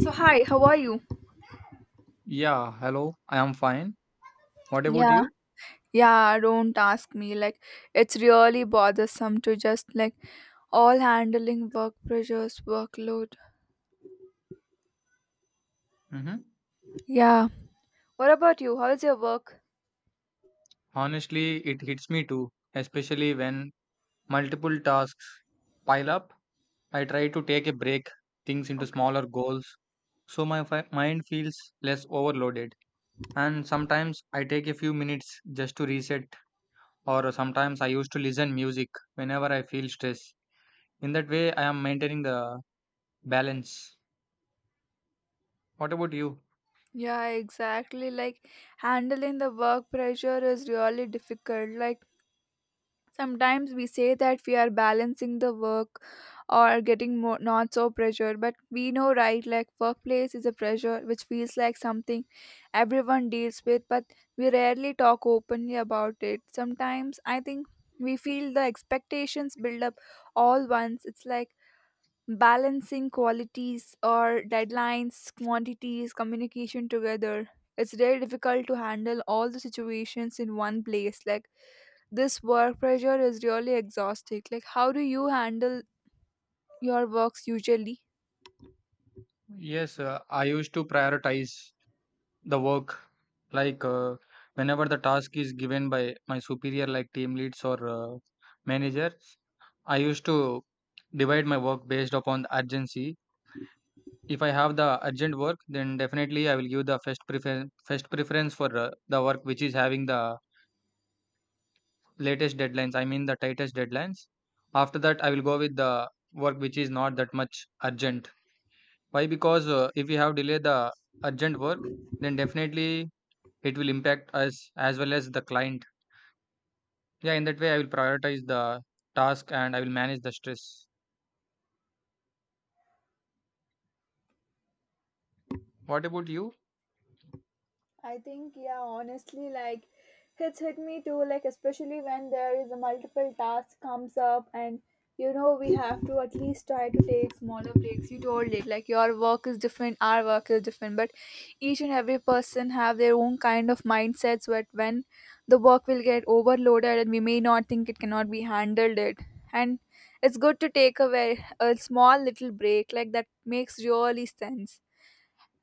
So hi, how are you? Yeah, hello. I am fine. What about Yeah, you? yeah, don't ask me. It's really bothersome to just all handling work pressures, workload. Mm-hmm. Yeah. What about you? How's your work? Honestly, it hits me too, especially when multiple tasks pile up. I try to take a break things into Okay. smaller goals so my mind feels less overloaded. And sometimes I take a few minutes just to reset, or sometimes I used to listen music whenever I feel stress. In that way, I am maintaining the balance. What about you? Yeah, exactly. Like handling the work pressure is really difficult. Like sometimes we say that we are balancing the work or getting more, not so pressure, but we know, right? Like, workplace is a pressure which feels like something everyone deals with, but we rarely talk openly about it. Sometimes I think we feel the expectations build up all once. It's like balancing qualities or deadlines, quantities, communication together. It's very difficult to handle all the situations in one place. Like, this work pressure is really exhausting. Like, how do you handle your works usually? Yes, I used to prioritize the work like whenever the task is given by my superior like team leads or managers. I used to divide my work based upon the urgency. If I have the urgent work, then definitely I will give the first preference for the work which is having the latest deadlines, I mean the tightest deadlines. After that I will go with the work which is not that much urgent. Why? Because if we have delayed the urgent work, then definitely it will impact us as well as the client. Yeah, in that way I will prioritize the task and I will manage the stress. What about you? I think, yeah, honestly, like it's hit me too, like especially when there is a multiple task comes up and you know we have to at least try to take smaller breaks. You told it, like your work is different, our work is different, but each and every person have their own kind of mindsets but when the work will get overloaded and we may not think it cannot be handled it. And it's good to take a very a small little break, like that makes really sense.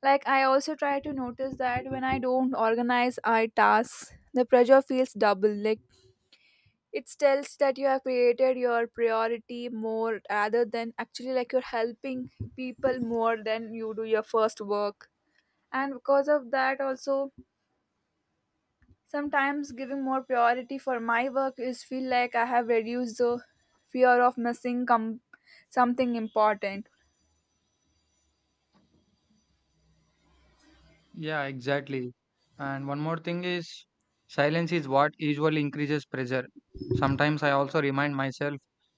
Like I also try to notice that when I don't organize our tasks, the pressure feels double. Like it tells that you have created your priority more rather than actually like you're helping people more than you do your first work. And because of that also sometimes giving more priority for my work is feel like I have reduced the fear of missing com- something important. Yeah, exactly. And one more thing is silence is what usually increases pressure. Sometimes I also remind myself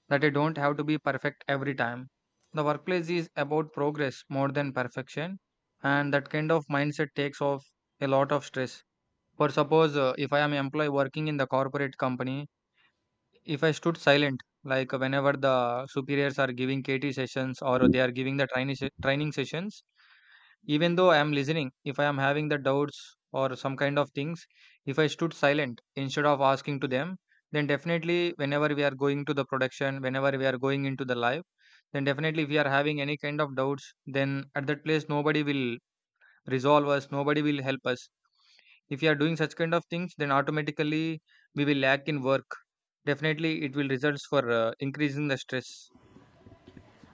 that I don't have to be perfect every time. The workplace is about progress more than perfection, and that kind of mindset takes off a lot of stress. For suppose, if I am employee working in the corporate company, if I stood silent, like whenever the superiors are giving KT sessions or they are giving the training sessions, even though I am listening, if I am having the doubts or some kind of things, if I stood silent instead of asking to them, then definitely whenever we are going to the production, whenever we are going into the live, then definitely if we are having any kind of doubts, then at that place nobody will resolve us, nobody will help us. If you are doing such kind of things, then automatically we will lack in work. Definitely it will results for increasing the stress.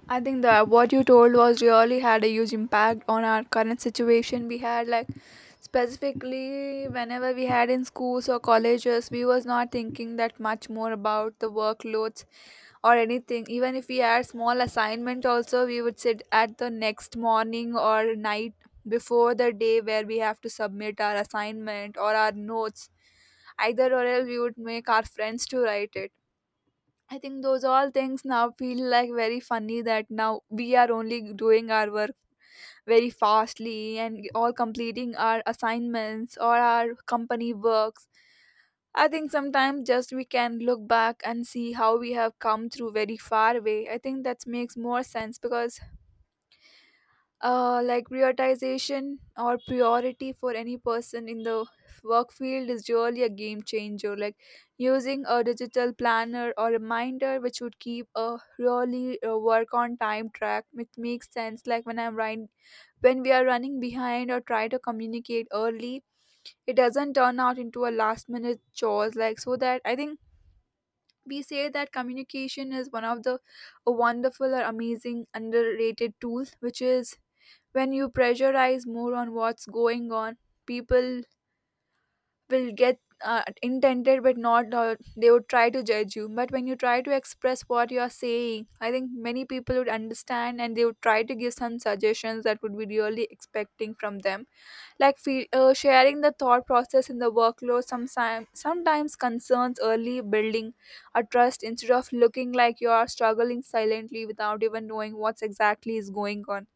I think that what you told was really had a huge impact on our current situation. We had like specifically whenever we had in schools or colleges, we was not thinking that much more about the workloads or anything. Even if we had small assignment also, we would sit at the next morning or night before the day where we have to submit our assignment or our notes. Either or else we would make our friends to write it. I think those all things now feel like very funny that now we are only doing our work very fastly and all completing our assignments or our company works. I think sometimes just we can look back and see how we have come through very far way. I think that makes more sense because like prioritization or priority for any person in the work field is really a game changer. Like using a digital planner or reminder which would keep a really work on time track, which makes sense. Like when I'm right, when we are running behind or try to communicate early, it doesn't turn out into a last minute chores, like so that I think we say that communication is one of the a wonderful or amazing underrated tools, which is when you pressurize more on what's going on, people will get intended but not they would try to judge you, but when you try to express what you are saying, I think many people would understand and they would try to give some suggestions that would be really expecting from them. Like sharing the thought process in the workload sometimes concerns early building a trust instead of looking like you are struggling silently without even knowing what's exactly is going on.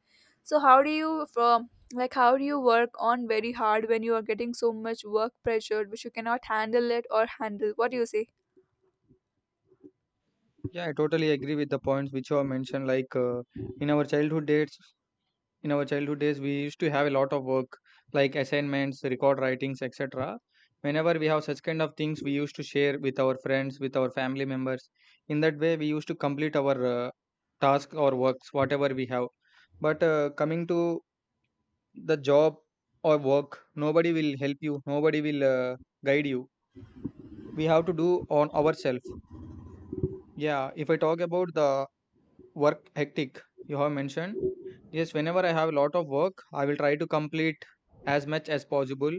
So how do you from like how do you work on very hard when you are getting so much work pressure which you cannot handle it or handle? What do you say? Yeah, I totally agree with the points which you have mentioned. Like in our childhood days, in our childhood days, we used to have a lot of work, like assignments, record writings, etc. Whenever we have such kind of things, we used to share with our friends, with our family members. In that way, we used to complete our task or works, whatever we have. But coming to the job or work, nobody will help you, nobody will guide you. We have to do on ourselves. Yeah, if I talk about the work hectic you have mentioned, yes, whenever I have a lot of work, I will try to complete as much as possible.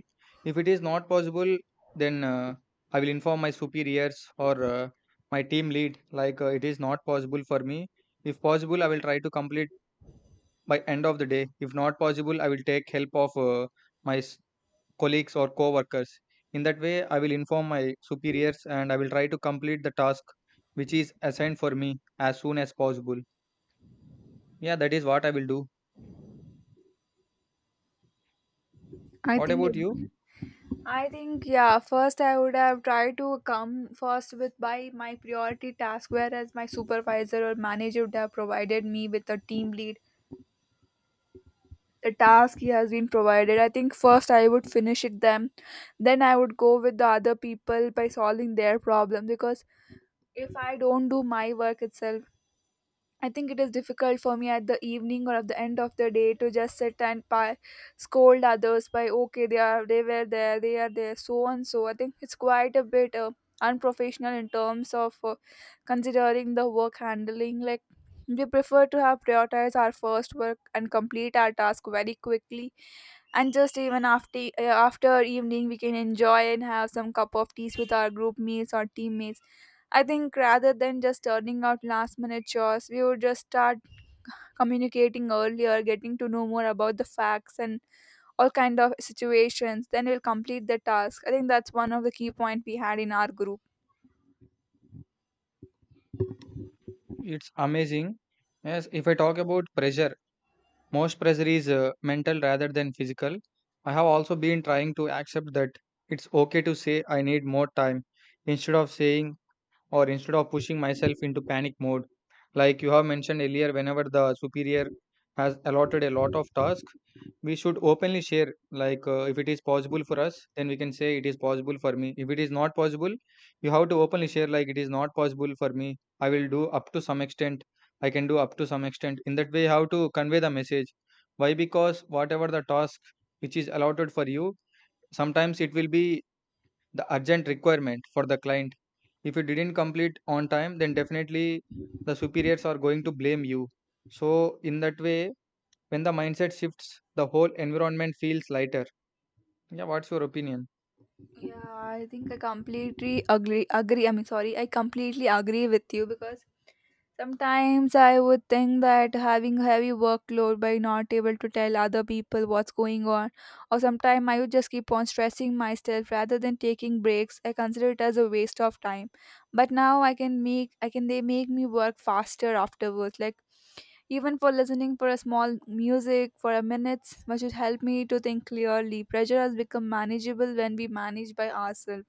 If it is not possible, then I will inform my superiors or my team lead like it is not possible for me. If possible, I will try to complete by end of the day. If not possible, I will take help of my s- colleagues or co-workers. In that way, I will inform my superiors and I will try to complete the task which is assigned for me as soon as possible. Yeah, that is what I will do. I What think about it, you? I think yeah, first I would have tried to come first with by my priority task whereas my supervisor or manager would have provided me with a team lead. The task he has been provided. I think first I would finish it them. Then I would go with the other people by solving their problem because if I don't do my work itself, I think it is difficult for me at the evening or at the end of the day to just sit and scold others by okay they are there so and so. I think it's quite a bit unprofessional in terms of considering the work handling. Like we prefer to have prioritize our first work and complete our task very quickly, and just even after after evening we can enjoy and have some cup of teas with our group mates or teammates. I think rather than just turning out last minute chores, we would just start communicating earlier, getting to know more about the facts and all kind of situations, then we'll complete the task. I think that's one of the key point we had in our group. It's amazing. Yes, if I talk about pressure, most pressure is mental rather than physical. I have also been trying to accept that it's okay to say I need more time instead of saying or instead of pushing myself into panic mode. Like you have mentioned earlier, whenever the superior has allotted a lot of tasks, we should openly share. Like if it is possible for us, then we can say it is possible for me. If it is not possible, you have to openly share, like it is not possible for me. I will do up to some extent. I can do up to some extent. In that way, how to convey the message. Why? Because whatever the task which is allotted for you, sometimes it will be the urgent requirement for the client. If you didn't complete on time, then definitely the superiors are going to blame you. So, in that way, when the mindset shifts, the whole environment feels lighter. Yeah, what's your opinion? Yeah, I think I completely agree agree I mean sorry I completely agree with you because sometimes I would think that having a heavy workload by not able to tell other people what's going on, or sometimes I would just keep on stressing myself rather than taking breaks. I consider it as a waste of time. But now I can make I can they make me work faster afterwards. Like even for listening for a small music for a minute, which would help me to think clearly. Pressure has become manageable when we manage by ourselves,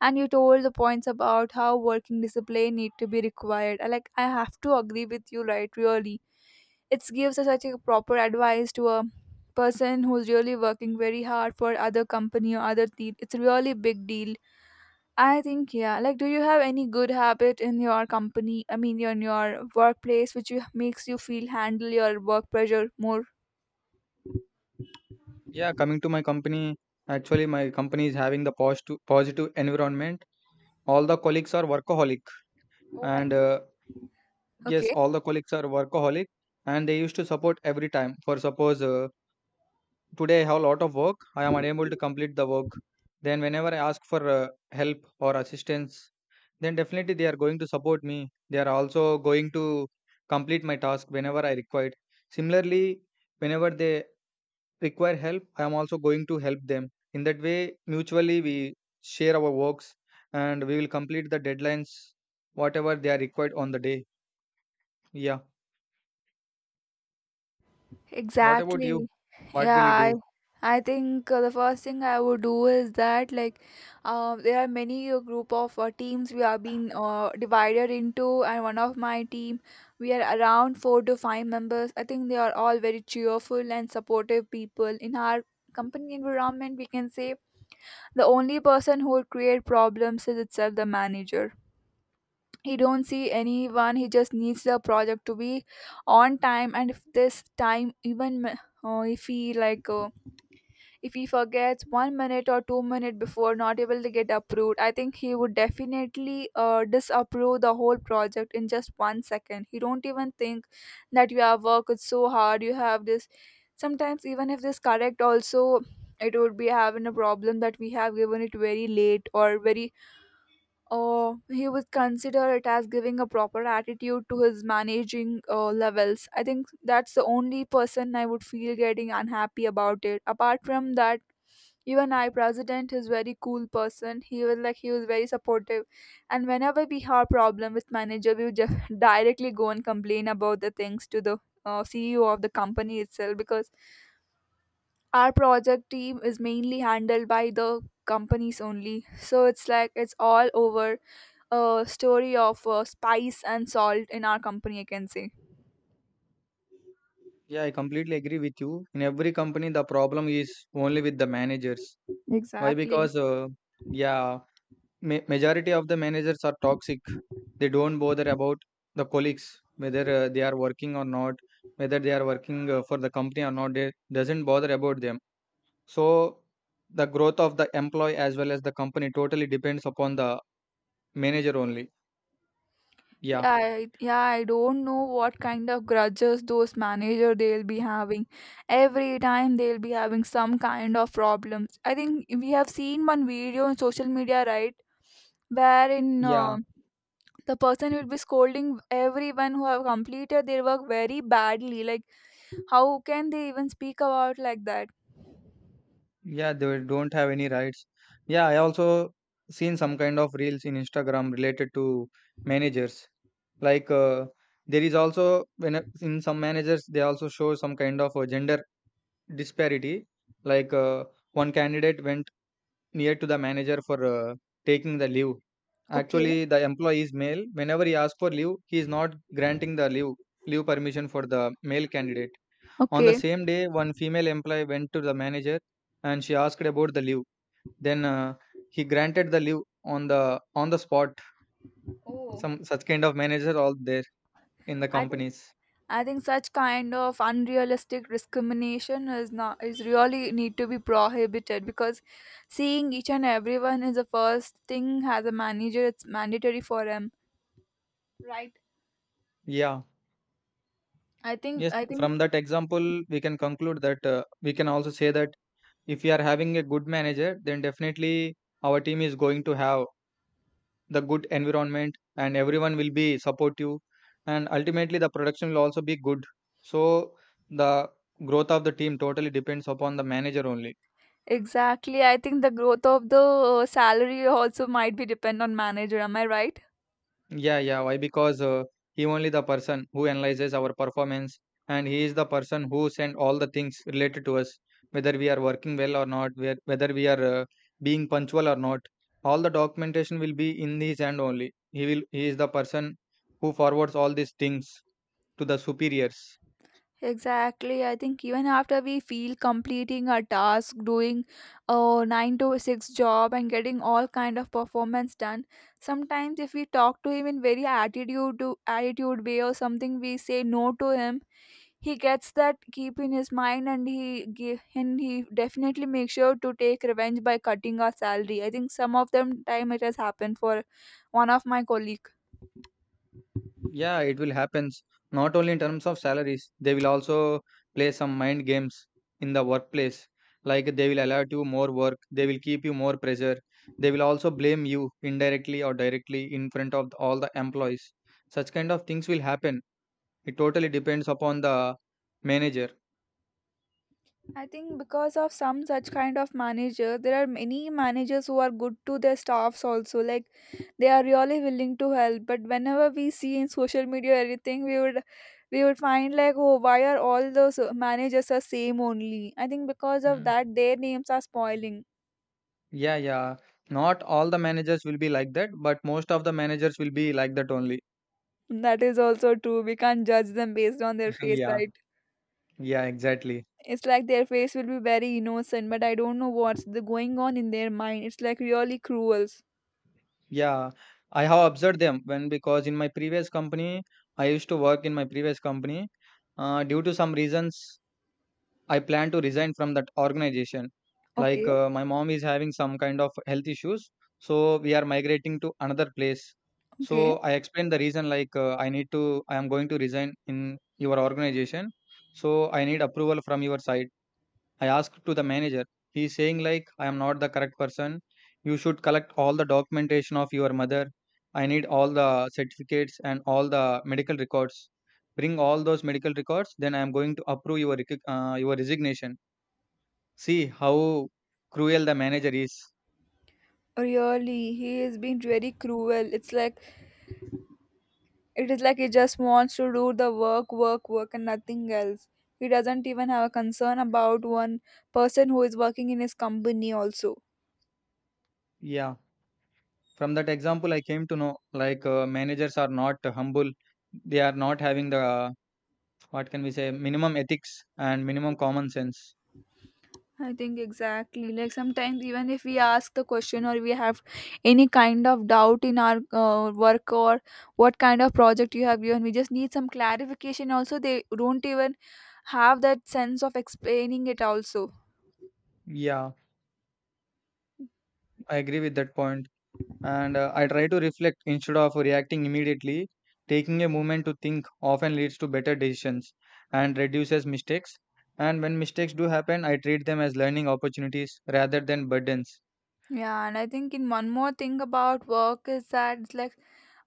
and you told the points about how working discipline need to be required. I have to agree with you, right? Really, it gives us such a proper advice to a person who's really working very hard for other company or other team. It's really big deal. I think yeah, like do you have any good habit in your company, I mean in your workplace, which you, makes you feel handle your work pressure more? Yeah, coming to my company, actually, my company is having the positive environment. All the colleagues are workaholic, Oh my and god. Yes, Okay. all the colleagues are workaholic, and they used to support every time. For suppose, today I have a lot of work. I am unable to complete the work. Then, whenever I ask for help or assistance, then definitely they are going to support me. They are also going to complete my task whenever I required. Similarly, whenever they require help, I am also going to help them. In that way, mutually we share our works and we will complete the deadlines, whatever they are required on the day. Yeah. What about you? Exactly. What Yeah, will you I do? I think the first thing I would do is that like there are many group of teams we are being divided into, and one of my team, we are around 4 to 5 members. I think they are all very cheerful and supportive people in our company environment. We can say the only person who would create problems is itself the manager. He don't see anyone, he just needs the project to be on time, and if this time even if he if he forgets 1 minute or 2 minute before not able to get approved, I think he would definitely disapprove the whole project in just 1 second. He don't even think that you have worked so hard, you have this. Sometimes even if this correct also, it would be having a problem that we have given it very late or very he would consider it as giving a proper attitude to his managing levels. I think that's the only person I would feel getting unhappy about it. Apart from that, even I president is very cool person. He was very supportive, and whenever we have problem with manager, we would just directly go and complain about the things to the CEO of the company itself because our project team is mainly handled by the companies only. So it's like it's all over a story of spice and salt in our company, I can say. Yeah, I completely agree with you. In every company, the problem is only with the managers. Why? Exactly. Because, yeah, majority of the managers are toxic. They don't bother about the colleagues, whether they are working or not, whether they are working for the company or not. They doesn't bother about them. So the growth of the employee as well as the company totally depends upon the manager only. Yeah, Yeah, I don't know what kind of grudges those manager they'll be having. Every time they'll be having some kind of problems. I think we have seen one video on social media, right, wherein yeah. The person will be scolding everyone who have completed their work very badly. Like, how can they even speak about like that? Yeah, they don't have any rights. Yeah, I also seen some kind of reels in Instagram related to managers. Like there is also when in some managers they also show some kind of a gender disparity. Like one candidate went near to the manager for taking the leave. Okay, Actually, the employee is male. Whenever he asks for leave, he is not granting the leave leave permission for the male candidate. On the okay. same day, one female employee went to the manager and she asked about the leave, then he granted the leave on the spot. Oh. Some such kind of manager all there in the I think. companies. I think such kind of unrealistic discrimination is not is really need to be prohibited because seeing each and everyone is the first thing as a manager, it's mandatory for him. Right. Yeah. I think Yes. I think From that example, we can conclude that we can also say that if we are having a good manager, then definitely our team is going to have the good environment and everyone will be supportive, and ultimately the production will also be good. So the growth of the team totally depends upon the manager only. Exactly. I think the growth of the salary also might be depend on manager, am I right? Yeah, yeah. Why? Because he only the person who analyzes our performance, and he is the person who send all the things related to us, whether we are working well or not, where whether we are being punctual or not. All the documentation will be in his hand only. He will. He is the person who forwards all these things to the superiors. Exactly. I think even after we feel completing a task, doing a 9 to 6 job and getting all kind of performance done, sometimes if we talk to him in very attitude to attitude way or something, we say no to him. He gets that keep in his mind, and and he definitely makes sure to take revenge by cutting our salary. I think some of them time it has happened for one of my colleagues. Yeah, it will happen. Not only in terms of salaries, they will also play some mind games in the workplace. Like they will allot you more work, they will keep you more pressure. They will also blame you indirectly or directly in front of all the employees. Such kind of things will happen. It totally depends upon the manager. I think because of some such kind of manager, there are many managers who are good to their staffs also. Like they are really willing to help. But whenever we see in social media everything, we would find like oh why are all those managers are same only? I think because of Mm. that their names are spoiling. Yeah, yeah. Not all the managers will be like that, but most of the managers will be like that only. That is also true. We can't judge them based on their face, Yeah, right? yeah, exactly. It's like their face will be very innocent, but I don't know what's the going on in their mind. It's like really cruel. Yeah, I have observed them when because in my previous company, I used to work in my previous company. Due to some reasons, I plan to resign from that organization. Like Okay, my mom is having some kind of health issues, so we are migrating to another place. okay. So I explained the reason like I am going to resign in your organization. So I need approval from your side, I asked to the manager. He's saying like I am not the correct person. You should collect all the documentation of your mother. I need all the certificates and all the medical records. Bring all those medical records, then I am going to approve your your resignation. See how cruel the manager is. Really, he is being very cruel. It is like he just wants to do the work, work, work, and nothing else. He doesn't even have a concern about one person who is working in his company also. Yeah, from that example, I came to know like managers are not humble. They are not having the what can we say minimum ethics and minimum common sense. I think exactly. Like sometimes even if we ask the question or we have any kind of doubt in our work or what kind of project you have given, we just need some clarification. Also, they don't even have that sense of explaining it also. Yeah, I agree with that point. And I try to reflect instead of reacting immediately. Taking a moment to think often leads to better decisions and reduces mistakes. And when mistakes do happen, I treat them as learning opportunities rather than burdens. Yeah, and I think in one more thing about work is that it's like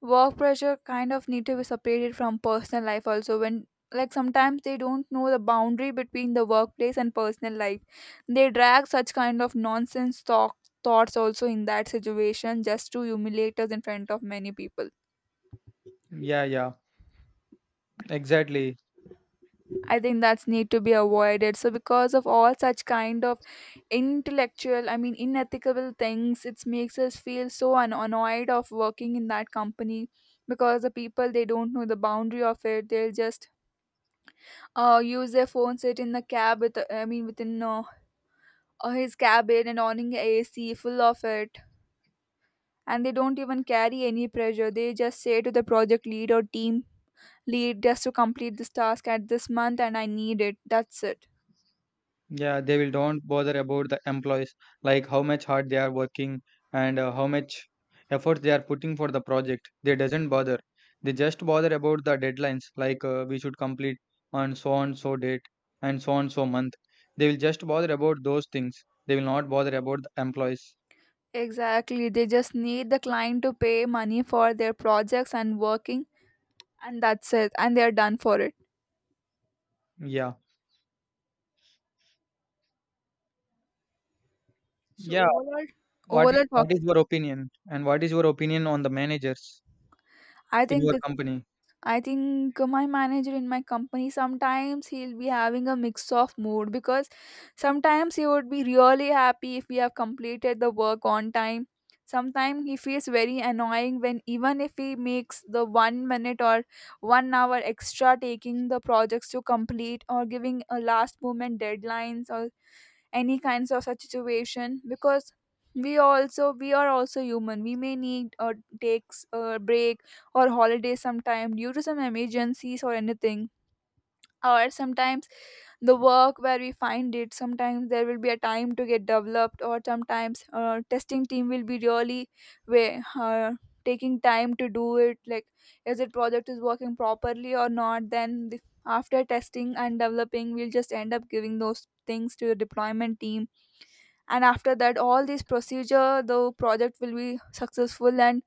work pressure kind of need to be separated from personal life also, when like sometimes they don't know the boundary between the workplace and personal life. They drag such kind of nonsense talk thoughts also in that situation just to humiliate us in front of many people. Yeah, yeah, exactly. I think that's need to be avoided. So because of all such kind of intellectual, I mean unethical things, it makes us feel so annoyed of working in that company because the people they don't know the boundary of it. They'll just use their phone, sit in the cab with, I mean within his cabin and owning AC full of it, and they don't even carry any pressure. They just say to the project lead or team lead just to complete this task at this month and I need it. That's it. Yeah, they will don't bother about the employees, like how much hard they are working and how much effort they are putting for the project. They doesn't bother. They just bother about the deadlines, like we should complete on so and so date and so month. They will just bother about those things. They will not bother about the employees. Exactly. They just need the client to pay money for their projects and working, and that's it. And they're done for it. Yeah. So Yeah. overall What overall what talk, is your opinion? And what is your opinion on the managers I in think your company? I think my manager in my company sometimes he'll be having a mix of mood, because sometimes he would be really happy if we have completed the work on time. Sometimes he feels very annoying when even if he makes the 1 minute or 1 hour extra taking the projects to complete, or giving a last moment deadlines or any kinds of such situation, because we are also human, we may need or takes a break or holiday sometime due to some emergencies or anything, or sometimes the work where we find it, sometimes there will be a time to get developed, or sometimes testing team will be really way taking time to do it, like is it project is working properly or not. Then after testing and developing, we'll just end up giving those things to the deployment team, and after that all this procedure the project will be successful and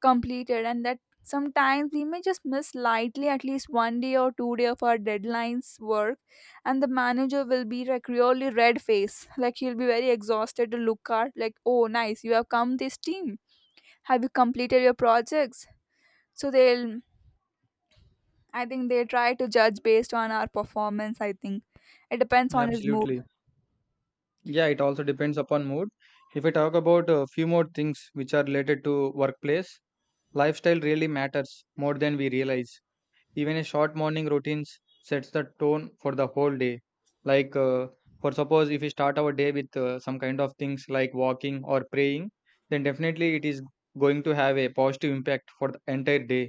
completed. And that sometimes we may just miss lightly at least 1 day or 2 day of our deadlines work, and the manager will be like really red face, like he'll be very exhausted to look at like, oh nice, you have come this team, have you completed your projects. So they'll, I think they try to judge based on our performance, I think. It depends Yeah, on his mood. absolutely. Yeah, it also depends upon mood. If I talk about a few more things which are related to workplace, lifestyle really matters more than we realize. Even a short morning routines sets the tone for the whole day. like uh, for suppose if we start our day with some kind of things like walking or praying, then definitely it is going to have a positive impact for the entire day.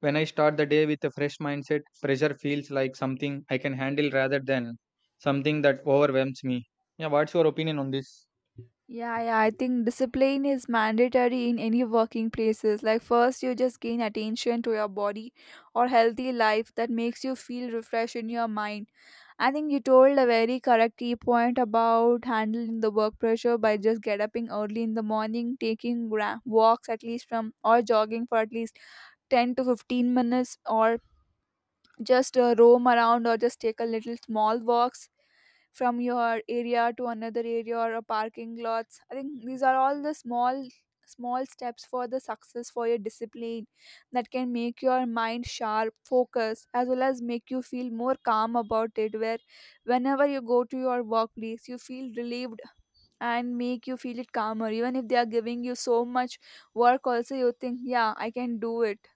When I start the day with a fresh mindset, pressure feels like something I can handle rather than something that overwhelms me. Yeah, what's your opinion on this? Yeah, yeah, I think discipline is mandatory in any working places. Like first you just gain attention to your body or healthy life that makes you feel refreshed in your mind. I think you told a very correct key point about handling the work pressure by just get upping early in the morning, taking walks at least from or jogging for at least 10 to 15 minutes, or just roam around or just take a little small walks from your area to another area or a parking lots. I think these are all the small small steps for the success for your discipline that can make your mind sharp focus as well as make you feel more calm about it, where whenever you go to your workplace you feel relieved, and make you feel it calmer even if they are giving you so much work also, you think, yeah, I can do it.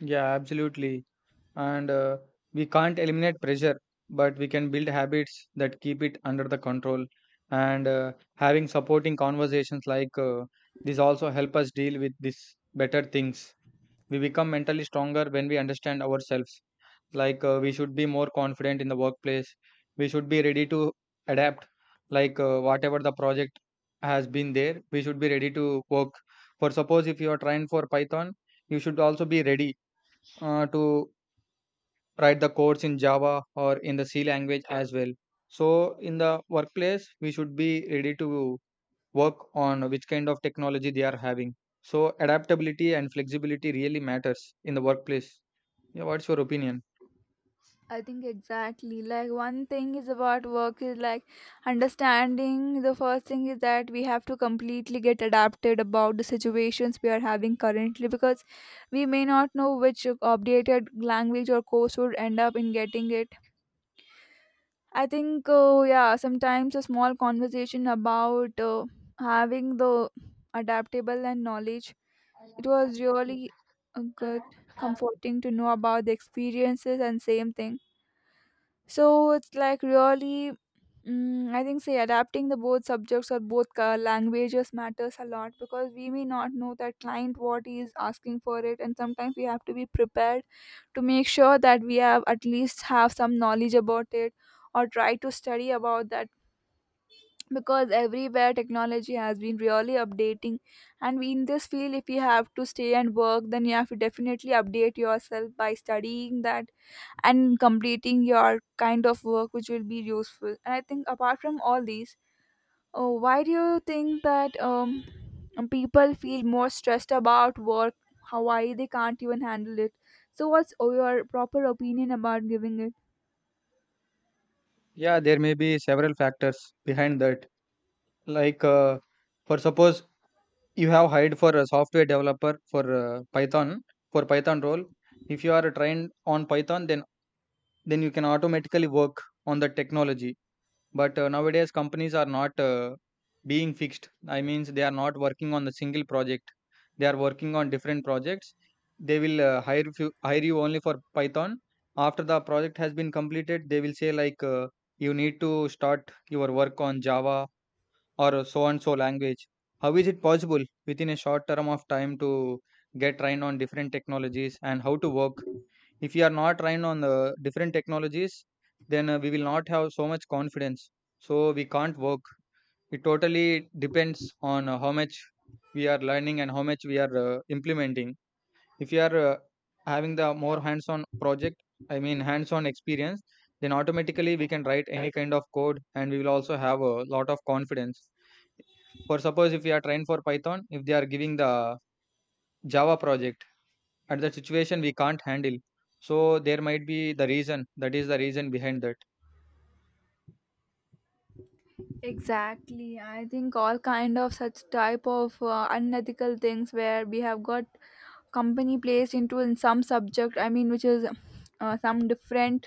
Yeah, absolutely. And We can't eliminate pressure, but we can build habits that keep it under the control. And Having supporting conversations this also help us deal with these better things. We become mentally stronger when we understand ourselves. We should be more confident in the workplace. We should be ready to adapt, whatever the project has been there, we should be ready to work. For suppose if you are trying for Python, you should also be ready to write the codes in Java or in the C language as well. So in the workplace we should be ready to work on which kind of technology they are having. So adaptability and flexibility really matters in the workplace. Yeah, what's your opinion? I think exactly. Like one thing is about work is like understanding the first thing is that we have to completely get adapted about the situations we are having currently, because we may not know which updated language or course would end up in getting it. I think yeah, sometimes a small conversation about having the adaptable and knowledge, it was really good comforting to know about the experiences and same thing. So it's like really, I think, say, adapting the both subjects or both languages matters a lot, because we may not know that client what he is asking for it, and sometimes we have to be prepared to make sure that we have at least have some knowledge about it, or try to study about that because everywhere technology has been really updating, and we in this field if you have to stay and work, then you have to definitely update yourself by studying that and completing your kind of work which will be useful. And I think apart from all these, why do you think that people feel more stressed about work, how why they can't even handle it, so what's, oh, your proper opinion about giving it? Yeah, there may be several factors behind that. Like, uh, for suppose you have hired for a software developer for Python, for Python role. If you are trained on Python, then you can automatically work on the technology. But Nowadays companies are not being fixed. I means they are not working on the single project, they are working on different projects. They will hire you only for Python. After the project has been completed, they will say you need to start your work on Java or so and so language. How is it possible within a short term of time to get trained on different technologies and how to work? If we are not trained on the different technologies, then we will not have so much confidence, so we can't work. It totally depends on how much we are learning and how much we are implementing. If you are having the more hands on project, I mean hands on experience, then automatically we can write any kind of code and we will also have a lot of confidence. For suppose if we are trained for Python, if they are giving the Java project, at that situation we can't handle. So there might be the reason, that is the reason behind that. Exactly. I think all kind of such type of unethical things where we have got company placed into in some subject, I mean which is some different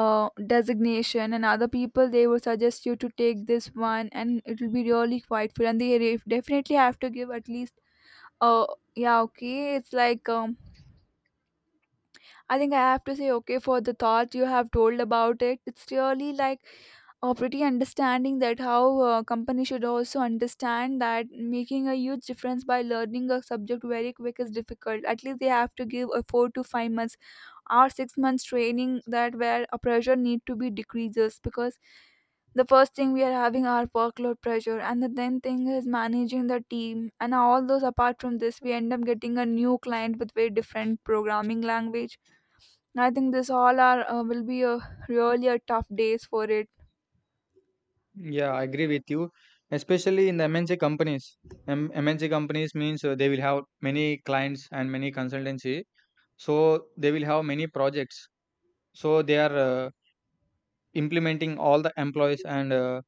designation, and other people they will suggest you to take this one and it will be really quite fun, and they definitely have to give at least uh yeah, okay, it's like I think I have to say okay for the thought you have told about it. It's really like a pretty understanding that how a company should also understand that making a huge difference by learning a subject very quick is difficult. At least they have to give a 4 to 5 months our 6 months training, that where a pressure need to be decreases, because the first thing we are having our workload pressure, and the then thing is managing the team and all those, apart from this we end up getting a new client with very different programming language. I think this all are, will be a really a tough days for it. Yeah, I agree with you, especially in the MNC companies. MNC companies means they will have many clients and many consultancy, so they will have many projects. So they are implementing all the employees, and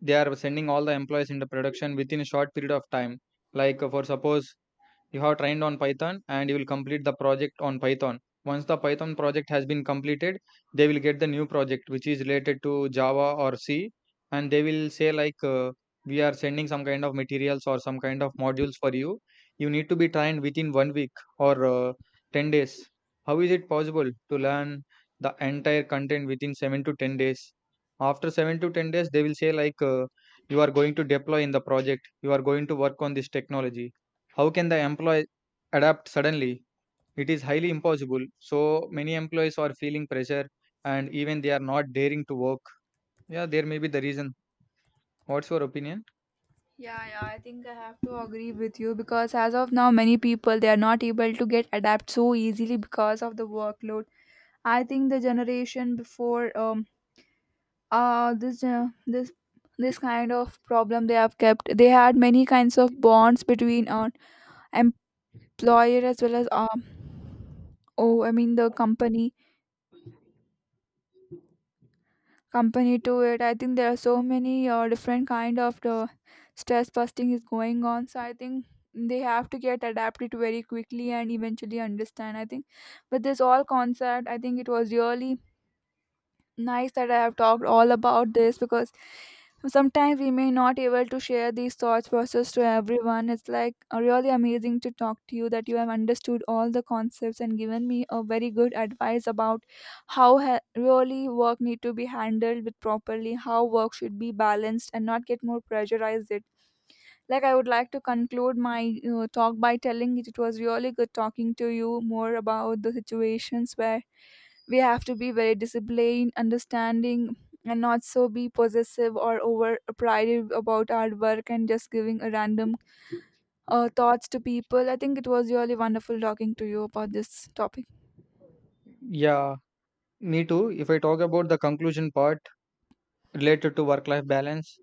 they are sending all the employees into production within a short period of time. For suppose you have trained on Python and you will complete the project on Python. Once the Python project has been completed, they will get the new project which is related to Java or C, and they will say we are sending some kind of materials or some kind of modules for you. You need to be trained within 1 week or 10 days. How is it possible to learn the entire content within 7 to 10 days? After 7 to 10 days they will say you are going to deploy in the project, you are going to work on this technology. How can the employee adapt suddenly? It is highly impossible. So many employees are feeling pressure, and even they are not daring to work. Yeah, there may be the reason. What's your opinion? Yeah, yeah, I think I have to agree with you, because as of now, many people they are not able to get adapt so easily because of the workload. I think the generation before uh this uh, this this kind of problem, they have kept, they had many kinds of bonds between employer as well as oh, I mean the company to it. I think there are so many different kind of the stress busting is going on, so I think they have to get adapted very quickly and eventually understand, I think. But this all concept, I think it was really nice that I have talked all about this, because sometimes we may not able to share these thoughts process to everyone. It's like really amazing to talk to you, that you have understood all the concepts and given me a very good advice about how really work need to be handled with properly, how work should be balanced and not get more pressurized it. Like I would like to conclude my talk by telling it, it was really good talking to you more about the situations where we have to be very disciplined understanding, and not so be possessive or over prided about our work, and just giving a random thoughts to people. I think it was really wonderful talking to you about this topic. Yeah, me too. If I talk about the conclusion part related to work life balance,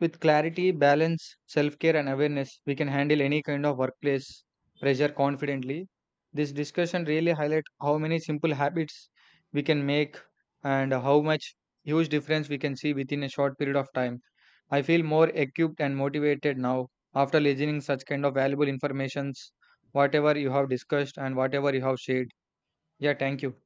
with clarity, balance, self care, and awareness, we can handle any kind of workplace pressure confidently. This discussion really highlights how many simple habits we can make and how much huge difference we can see within a short period of time. I feel more equipped and motivated now after listening such kind of valuable informations, whatever you have discussed and whatever you have shared. Yeah, thank you.